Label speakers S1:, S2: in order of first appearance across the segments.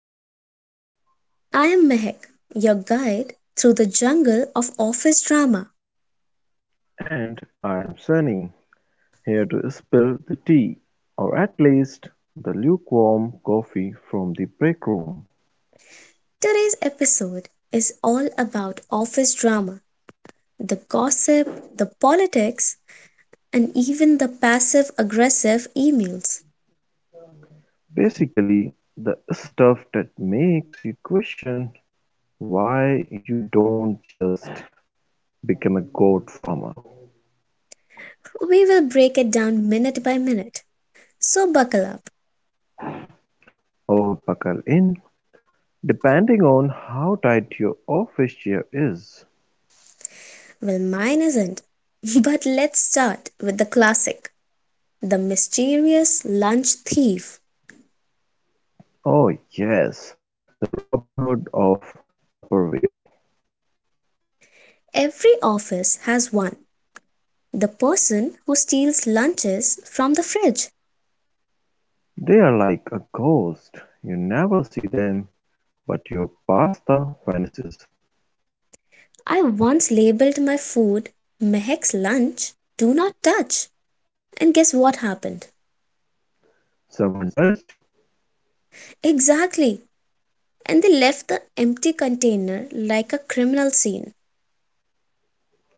S1: Confessions. I am Mehak, your guide through the jungle of office drama.
S2: And I'm Sunny, here to spill the tea, or at least the lukewarm coffee from the break room.
S1: Today's episode is all about office drama, the gossip, the politics, and even the passive aggressive emails.
S2: Basically, the stuff that makes you question why you don't just become a goat farmer
S1: We will break it down minute by minute. So buckle up.
S2: or buckle in, depending on how tight your office chair is.
S1: Well, mine isn't. But let's start with the classic, the mysterious lunch thief.
S2: Oh, yes, the Robin Hood of Tupperware.
S1: Every office has one. The person who steals lunches from the fridge.
S2: They are like a ghost. You never see them but your pasta vanishes.
S1: I once labeled my food, "Mehek's lunch. Do not touch." And guess what happened?
S2: Someone touched
S1: Exactly. And they left the empty container like a criminal scene.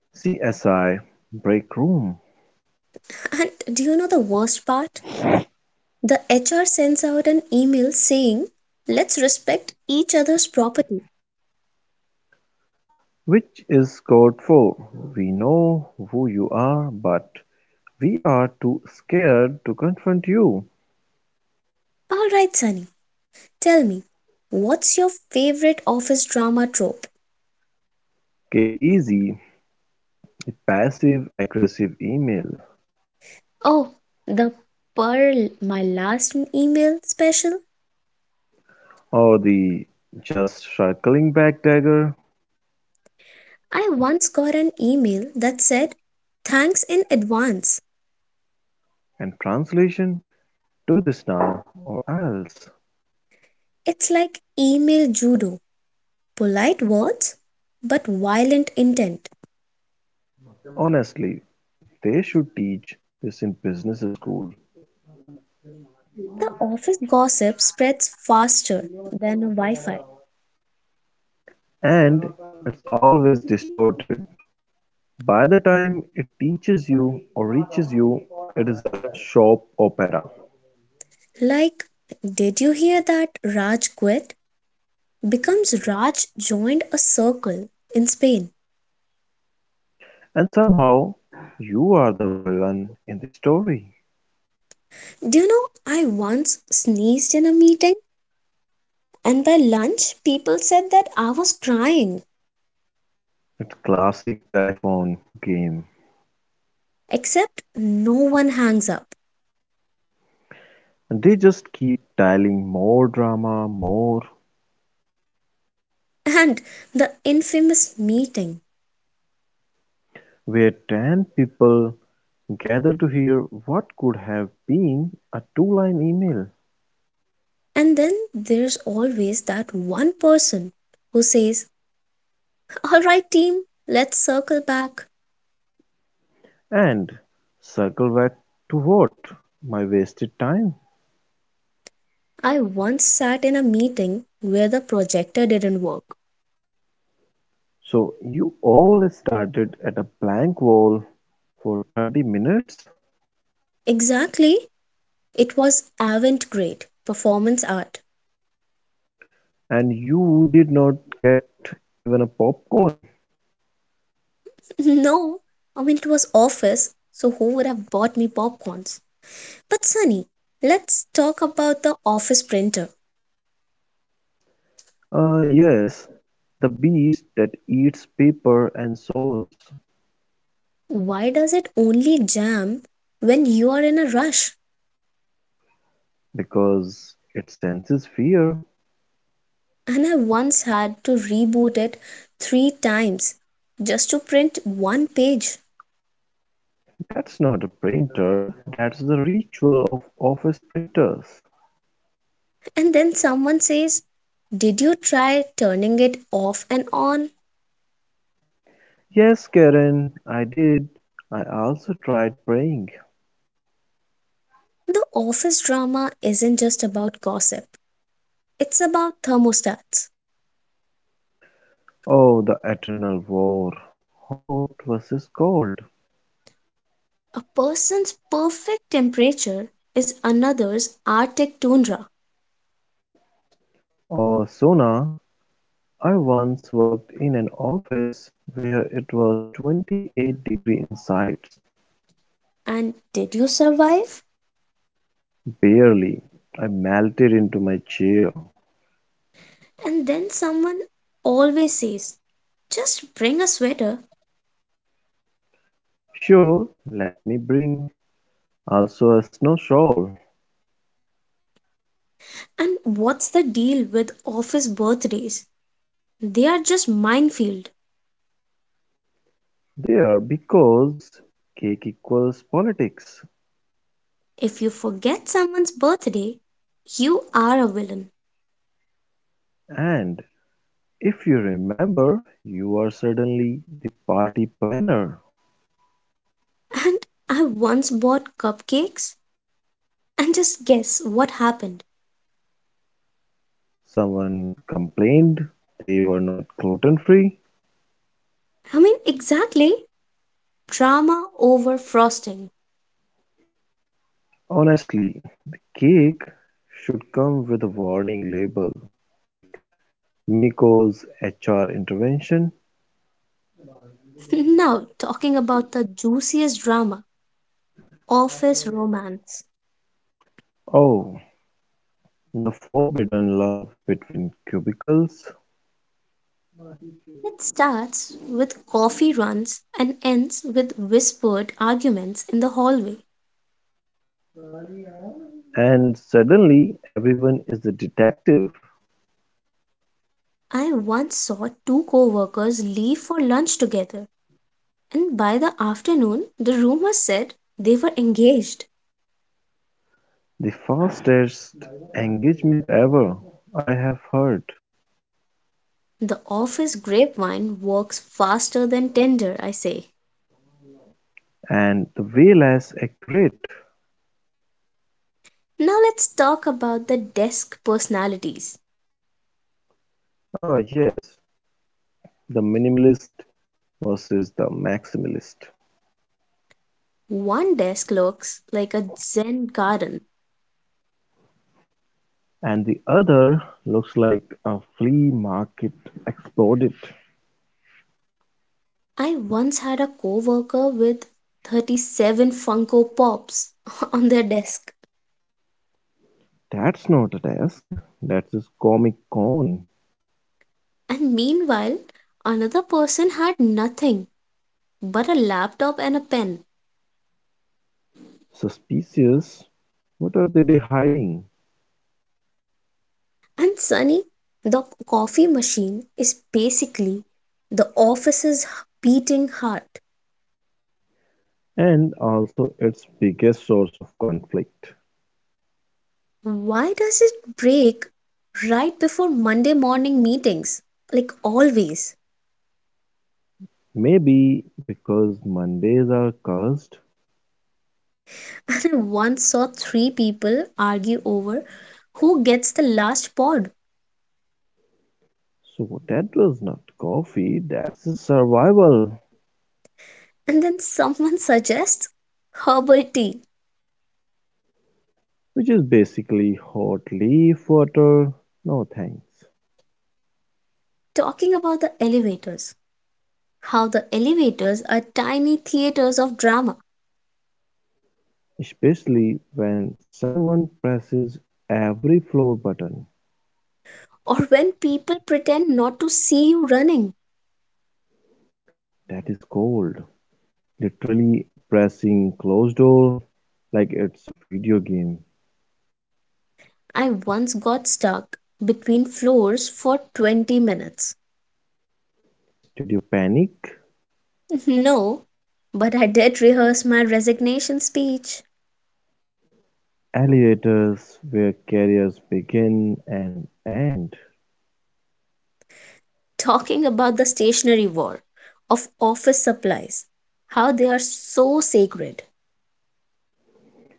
S2: CSI Break Room,
S1: And do you know the worst part? The HR sends out an email saying, "Let's respect each other's property."
S2: which is code for "We know who you are, but we are too scared to confront you."
S1: All right, Sunny, tell me, what's your favorite office drama trope?
S2: k Easy, the passive-aggressive email,
S1: Oh, the Pearl, my last email special.
S2: or the just circling back dagger?
S1: I once got an email that said, thanks in advance.
S2: And translation: "Do this now or else."
S1: It's like email judo, polite words, but violent intent.
S2: Honestly, they should teach this in business school.
S1: The office gossip spreads faster than a Wi Fi.
S2: And it's always distorted. By the time it teaches you or reaches you, it is a soap opera.
S1: Like, did you hear that Raj quit? Becomes Raj joined a circle in Spain.
S2: And somehow, you are the villain in the story.
S1: Do you know, I once sneezed in a meeting, and by lunch, people said that I was crying,
S2: It's classic telephone game.
S1: except no one hangs up.
S2: And they just keep dialing more drama, more,
S1: And the infamous meeting.
S2: where 10 people gather to hear what could have been a two-line email.
S1: And then there's always that one person who says, all right, team, let's circle back.
S2: And circle back to what? My wasted time.
S1: I once sat in a meeting where the projector didn't work.
S2: So you all started at a blank wall for 30 minutes,
S1: Exactly, it was avant garde performance art.
S2: and you did not get even a popcorn.
S1: No, I mean, it was office, so who would have bought me popcorns? But Sunny, let's talk about the office printer.
S2: Yes, the beast that eats paper and souls
S1: Why does it only jam when you are in a rush?
S2: because it senses fear.
S1: And I once had to reboot it three times just to print one page.
S2: That's not a printer. That's the ritual of office printers.
S1: And then someone says, did you try turning it off and on?
S2: Yes, Karen, I did. I also tried praying.
S1: The office drama isn't just about gossip, it's about thermostats.
S2: Oh, the eternal war. Hot versus cold.
S1: A person's perfect temperature is another's Arctic tundra.
S2: Or Sona, I once worked in an office where it was 28 degree inside.
S1: And did you survive?
S2: Barely. I melted into my chair.
S1: And then someone always says, just bring a sweater.
S2: Sure, let me bring also a snow shovel.
S1: And what's the deal with office birthdays? They are just minefield.
S2: There because cake equals politics.
S1: If you forget someone's birthday, you are a villain.
S2: And if you remember, you are suddenly the party planner.
S1: And I once bought cupcakes and just guess what happened.
S2: Someone complained they were not gluten free.
S1: I mean, exactly. Drama over frosting.
S2: Honestly, the cake should come with a warning label like Mako's HR intervention.
S1: Now, talking about the juiciest drama, office romance.
S2: Oh, the forbidden love between cubicles.
S1: It starts with coffee runs and ends with whispered arguments in the hallway.
S2: And suddenly everyone is the detective.
S1: I once saw two coworkers leave for lunch together, and by the afternoon the rumor said they were engaged.
S2: The fastest engagement ever, I have heard.
S1: The office grapevine works faster than Tinder, I say.
S2: And the way less accurate.
S1: Now let's talk about the desk personalities.
S2: Ah, yes, the minimalist versus the maximalist.
S1: One desk looks like a Zen garden.
S2: And the other looks like a flea market exploded.
S1: I once had a coworker with 37 Funko Pops on their desk,
S2: That's not a desk. That's a Comic Con.
S1: and meanwhile, another person had nothing but a laptop and a pen.
S2: Suspicious. What are they hiding?
S1: And Sunny, the coffee machine is basically the office's beating heart.
S2: And also, its biggest source of conflict.
S1: Why does it break right before Monday morning meetings? Like always.
S2: Maybe because Mondays are cursed.
S1: And I once saw three people argue over who gets the last pod.
S2: So that was not coffee. That's a survival,
S1: And then someone suggests herbal tea,
S2: which is basically hot leaf water. No thanks.
S1: talking about the elevators, how the elevators are tiny theaters of drama,
S2: Especially when someone presses every floor button.
S1: or when people pretend not to see you running.
S2: That is cold. Literally pressing closed door like it's a video game.
S1: I once got stuck between floors for 20 minutes.
S2: Did you panic?
S1: No, but I did rehearse my resignation speech,
S2: Elevators where careers begin and end.
S1: talking about the stationery war of office supplies, how they are so sacred.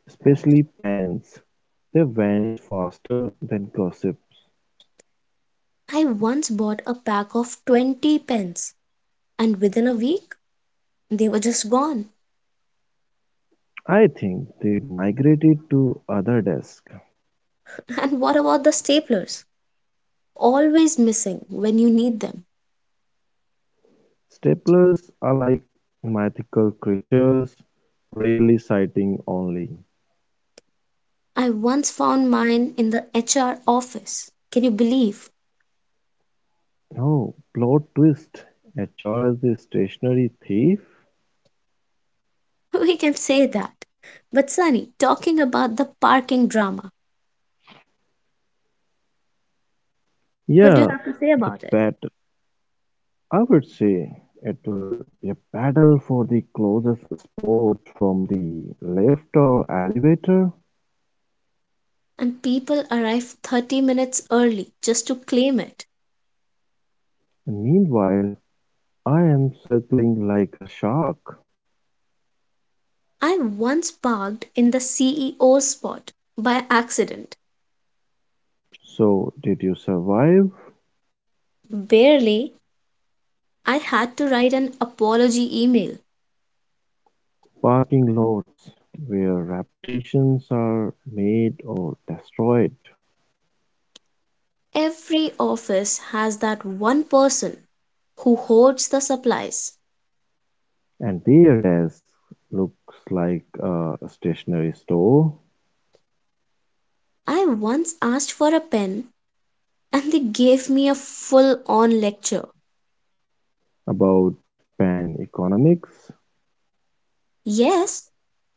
S2: Especially pants. They vanish faster than gossips.
S1: I once bought a pack of 20 pens and within a week they were just gone.
S2: I think they migrated to other desks.
S1: And what about the staplers? Always missing when you need them.
S2: Staplers are like mythical creatures, rarely sighting only.
S1: I once found mine in the HR office. Can you believe?
S2: Oh, plot twist. HR is the stationary thief?
S1: We can say that. But Sunny, talking about the parking drama, what do you
S2: Yeah,
S1: have to say
S2: the
S1: about it?
S2: battle. I would say it will be a battle for the closest spot from the lift or elevator.
S1: And people arrive 30 minutes early just to claim it.
S2: Meanwhile, I am circling like a shark.
S1: I once parked in the CEO spot by accident.
S2: So, did you survive?
S1: Barely, I had to write an apology email.
S2: Parking lots where reputations are made or destroyed,
S1: Every office has that one person who hoards the supplies.
S2: and their desk looks like a stationery store.
S1: I once asked for a pen and they gave me a full on lecture.
S2: About pan economics,
S1: Yes,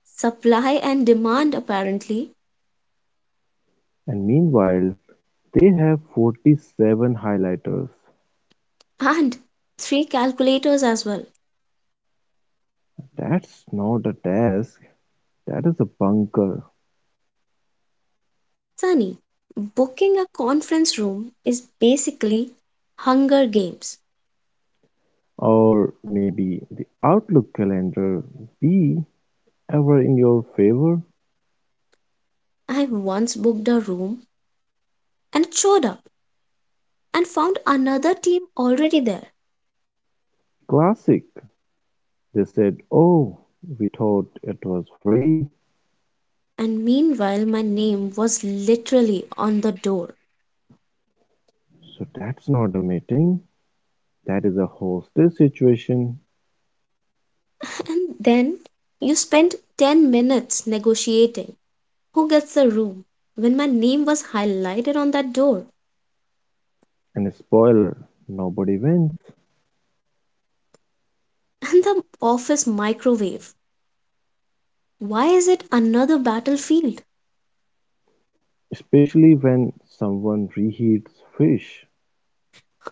S1: supply and demand apparently,
S2: and meanwhile, they have 47 highlighters.
S1: and three calculators as well.
S2: That's not a task, that is a bunker,
S1: Sunny, booking a conference room is basically Hunger Games.
S2: or maybe the Outlook calendar be ever in your favor.
S1: I once booked a room and showed up and found another team already there.
S2: Classic. They said, "Oh, we thought it was free,"
S1: And meanwhile, my name was literally on the door.
S2: so that's not a meeting, that is a hostage situation.
S1: And then you spent 10 minutes negotiating who gets the room when my name was highlighted on that door.
S2: And spoiler, nobody wins.
S1: And the office microwave. Why is it another battlefield?
S2: Especially when someone reheats fish.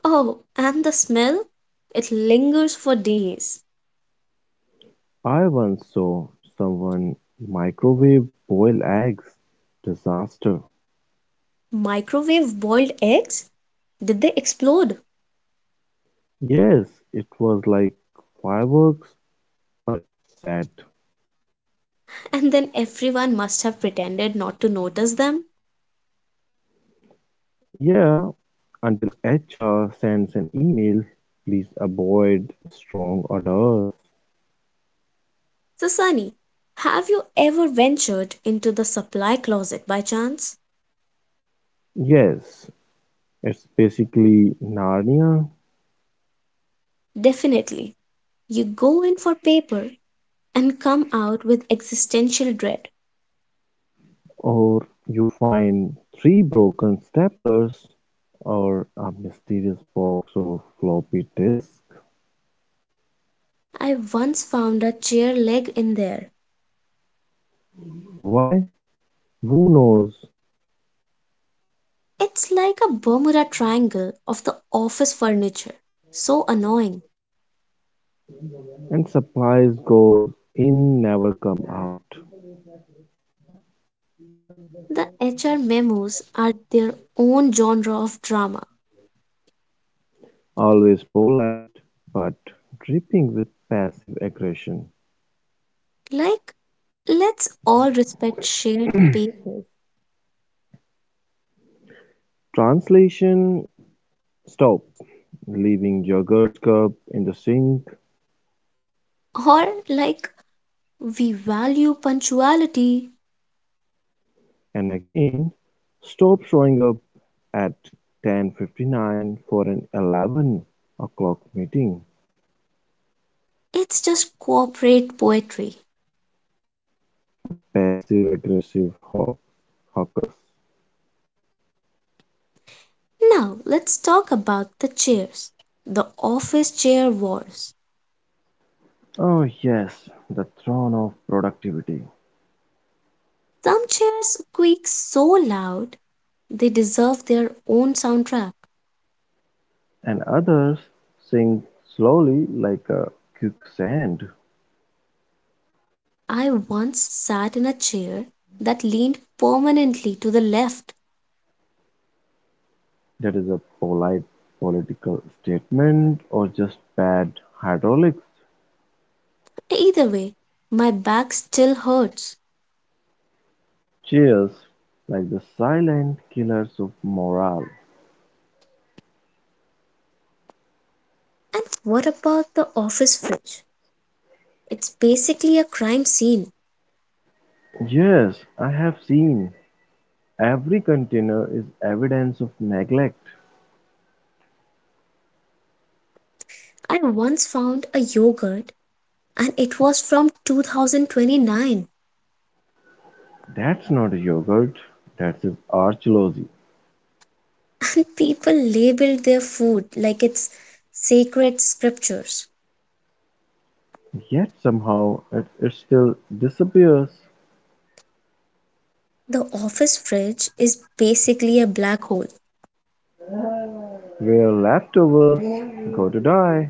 S1: Oh, and the smell? It lingers for days.
S2: I once saw someone microwave boil eggs. Disaster.
S1: Microwave boiled eggs? Did they explode?
S2: Yes, it was like fireworks, but sad.
S1: And then everyone must have pretended not to notice them.
S2: Yeah, until HR sends an email, please avoid strong odors.
S1: So, Sunny, have you ever ventured into the supply closet by chance?
S2: Yes, it's basically Narnia.
S1: Definitely. You go in for paper and come out with existential dread.
S2: Or you find three broken staplers or a mysterious box of floppy disks.
S1: I once found a chair leg in there.
S2: Why? Who knows?
S1: It's like a Bermuda Triangle of the office furniture. So annoying.
S2: And supplies go in, never come out.
S1: The HR memos are their own genre of drama.
S2: Always polite, but dripping with passive aggression.
S1: Like, let's all respect shared spaces.
S2: Translation: stop leaving your yogurt cup in the sink.
S1: Or, like, we value punctuality.
S2: And again, stop showing up at 10:59 for an 11 o'clock meeting.
S1: It's just corporate poetry.
S2: A passive-aggressive hawker.
S1: Now let's talk about the chairs. The office chair wars.
S2: Oh yes, the throne of productivity.
S1: Some chairs squeak so loud they deserve their own soundtrack.
S2: And others sink slowly like a quicksand.
S1: I once sat in a chair that leaned permanently to the left.
S2: That is a polite political statement or just bad hydraulics.
S1: Either way, my back still hurts.
S2: Cheers, like the silent killers of morale.
S1: And what about the office fridge? It's basically a crime scene.
S2: Yes, I have seen. Every container is evidence of neglect.
S1: I once found a yogurt and it was from 2029.
S2: That's not a yogurt, that's his archaeology.
S1: And people labeled their food like it's sacred scriptures.
S2: Yet somehow it still disappears.
S1: The office fridge is basically a black hole.
S2: Where leftovers go to die,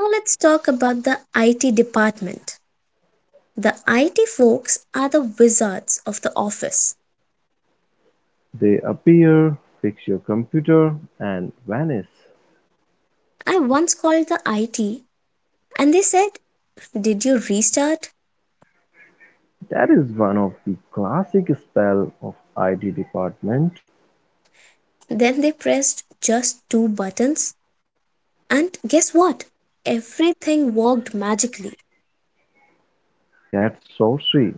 S1: Now let's talk about the IT department. The IT folks are the wizards of the office.
S2: they appear, fix your computer, and vanish.
S1: I once called the IT and they said, did you restart?
S2: That is one of the classic spell of IT department.
S1: Then they pressed just two buttons, and guess what? Everything worked magically.
S2: That's sorcery.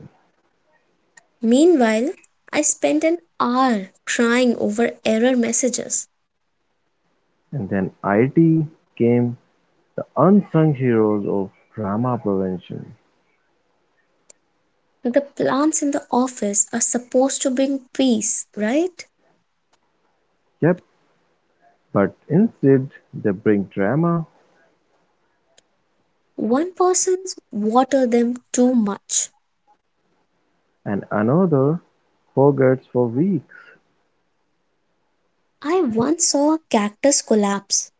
S1: Meanwhile, I spent an hour crying over error messages.
S2: And then IT came the unsung heroes of drama prevention.
S1: The plants in the office are supposed to bring peace, right?
S2: Yep, but instead they bring drama
S1: One person's water them too much.
S2: and another forgets for weeks.
S1: I once saw a cactus collapse,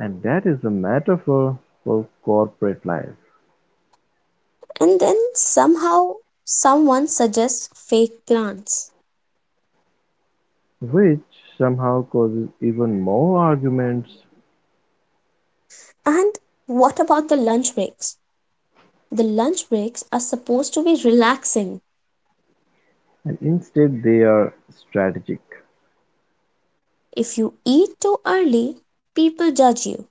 S2: And that is a metaphor for corporate life,
S1: and then somehow someone suggests fake plants.
S2: which somehow causes even more arguments,
S1: And what about the lunch breaks? The lunch breaks are supposed to be relaxing.
S2: and instead they are strategic.
S1: If you eat too early, people judge you.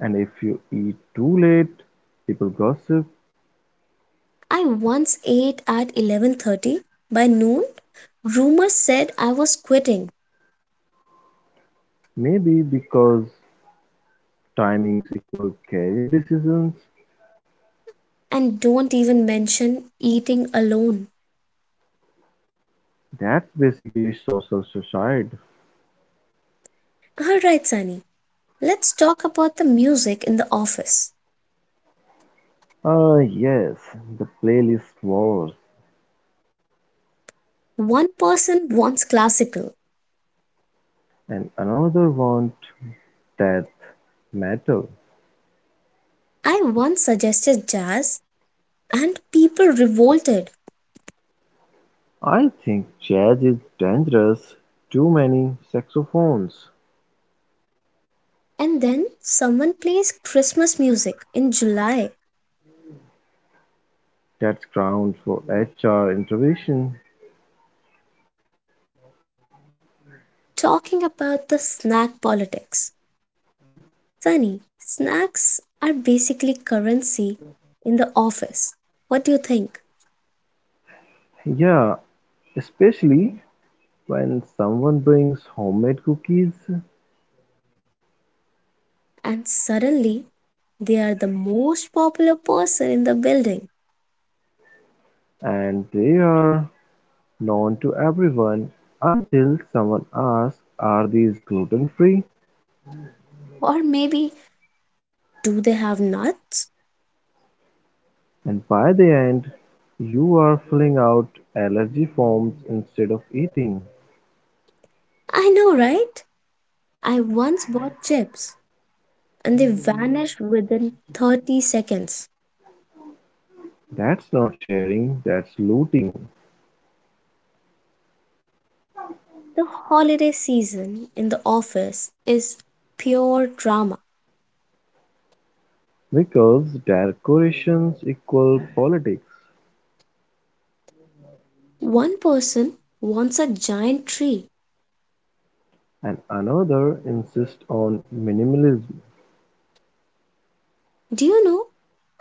S2: And if you eat too late, people gossip,
S1: I once ate at 11:30. By noon, rumors said I was quitting.
S2: maybe because timings equal career decisions.
S1: And don't even mention eating alone.
S2: That's basically social suicide.
S1: All right, Sunny, let's talk about the music in the office.
S2: Ah, Uh, yes, the playlist wars
S1: One person wants classical.
S2: and another want death metal.
S1: I once suggested jazz, and people revolted.
S2: I think jazz is dangerous, too many saxophones.
S1: And then someone plays Christmas music in July,
S2: That's grounds for HR intervention.
S1: talking about the snack politics. Sunny, snacks are basically currency in the office. What do you think?
S2: Yeah, especially when someone brings homemade cookies
S1: And suddenly they are the most popular person in the building.
S2: and they are known to everyone until someone asks, "Are these gluten free?"
S1: Or maybe do they have nuts?
S2: And by the end, you are filling out allergy forms instead of eating.
S1: I know, right? I once bought chips and they vanished within 30 seconds.
S2: That's not sharing, that's looting.
S1: The holiday season in the office is pure drama.
S2: Because their coalitions equal politics,
S1: One person wants a giant tree.
S2: and another insists on minimalism.
S1: Do you know,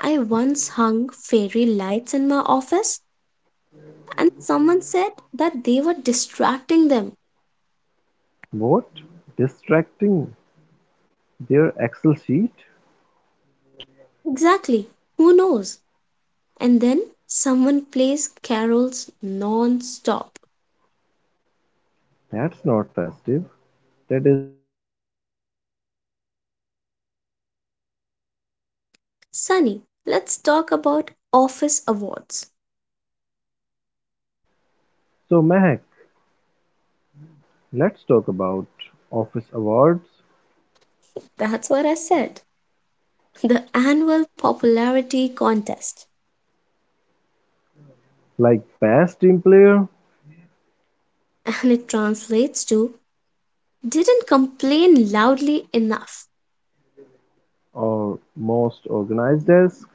S1: I once hung fairy lights in my office and someone said that they were distracting them.
S2: What? Distracting their Excel sheet?
S1: Exactly, who knows? And then someone plays carols non stop.
S2: That's not festive. That is psychological warfare.
S1: Sunny, let's talk about office awards.
S2: So Mehak, let's talk about office awards
S1: That's what I said. The annual popularity contest.
S2: like best team player
S1: And it translates to didn't complain loudly enough.
S2: or most organized desk.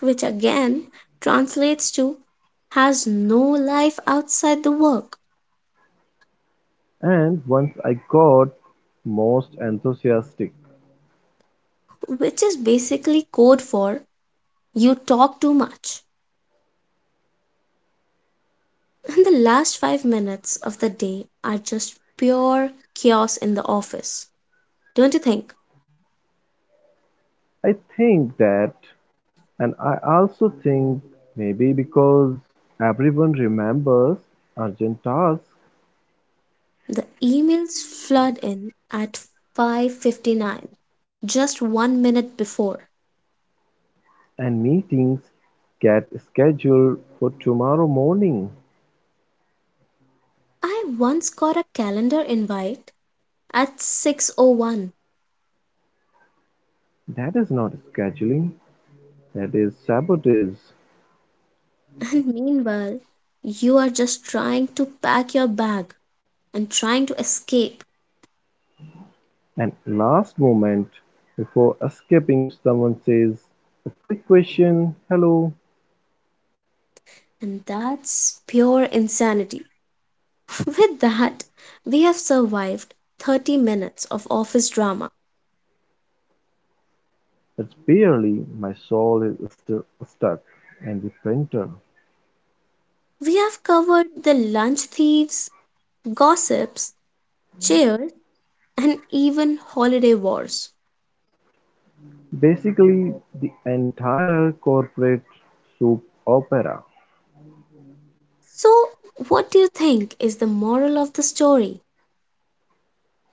S1: Which again translates to has no life outside the work,
S2: And once I got most enthusiastic.
S1: which is basically code for you talk too much. And the last 5 minutes of the day are just pure chaos in the office. Don't you think?
S2: I think that, and I also think maybe because everyone remembers urgent tasks
S1: The emails flood in at 5:59, just 1 minute before.
S2: and meetings get scheduled for tomorrow morning.
S1: I once got a calendar invite at 6:01.
S2: That is not scheduling, that is sabotage.
S1: And meanwhile, you are just trying to pack your bag and trying to escape.
S2: And last moment before escaping, someone says, "A quick question, hello."
S1: And that's pure insanity. With that, we have survived 30 minutes of office drama.
S2: It's barely my soul is still stuck. And the printer.
S1: We have covered the lunch thieves, gossips, cheers, and even holiday wars.
S2: Basically, the entire corporate soup opera.
S1: So, what do you think is the moral of the story?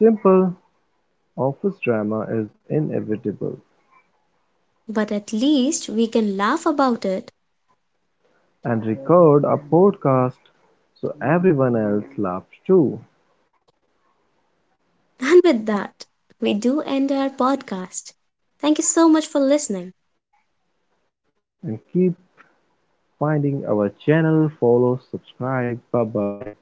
S2: Simple office drama is inevitable,
S1: But at least we can laugh about it.
S2: and record a podcast so everyone else laughs too.
S1: And with that, we do end our podcast. Thank you so much for listening.
S2: And keep finding our channel, follow, subscribe, bye bye.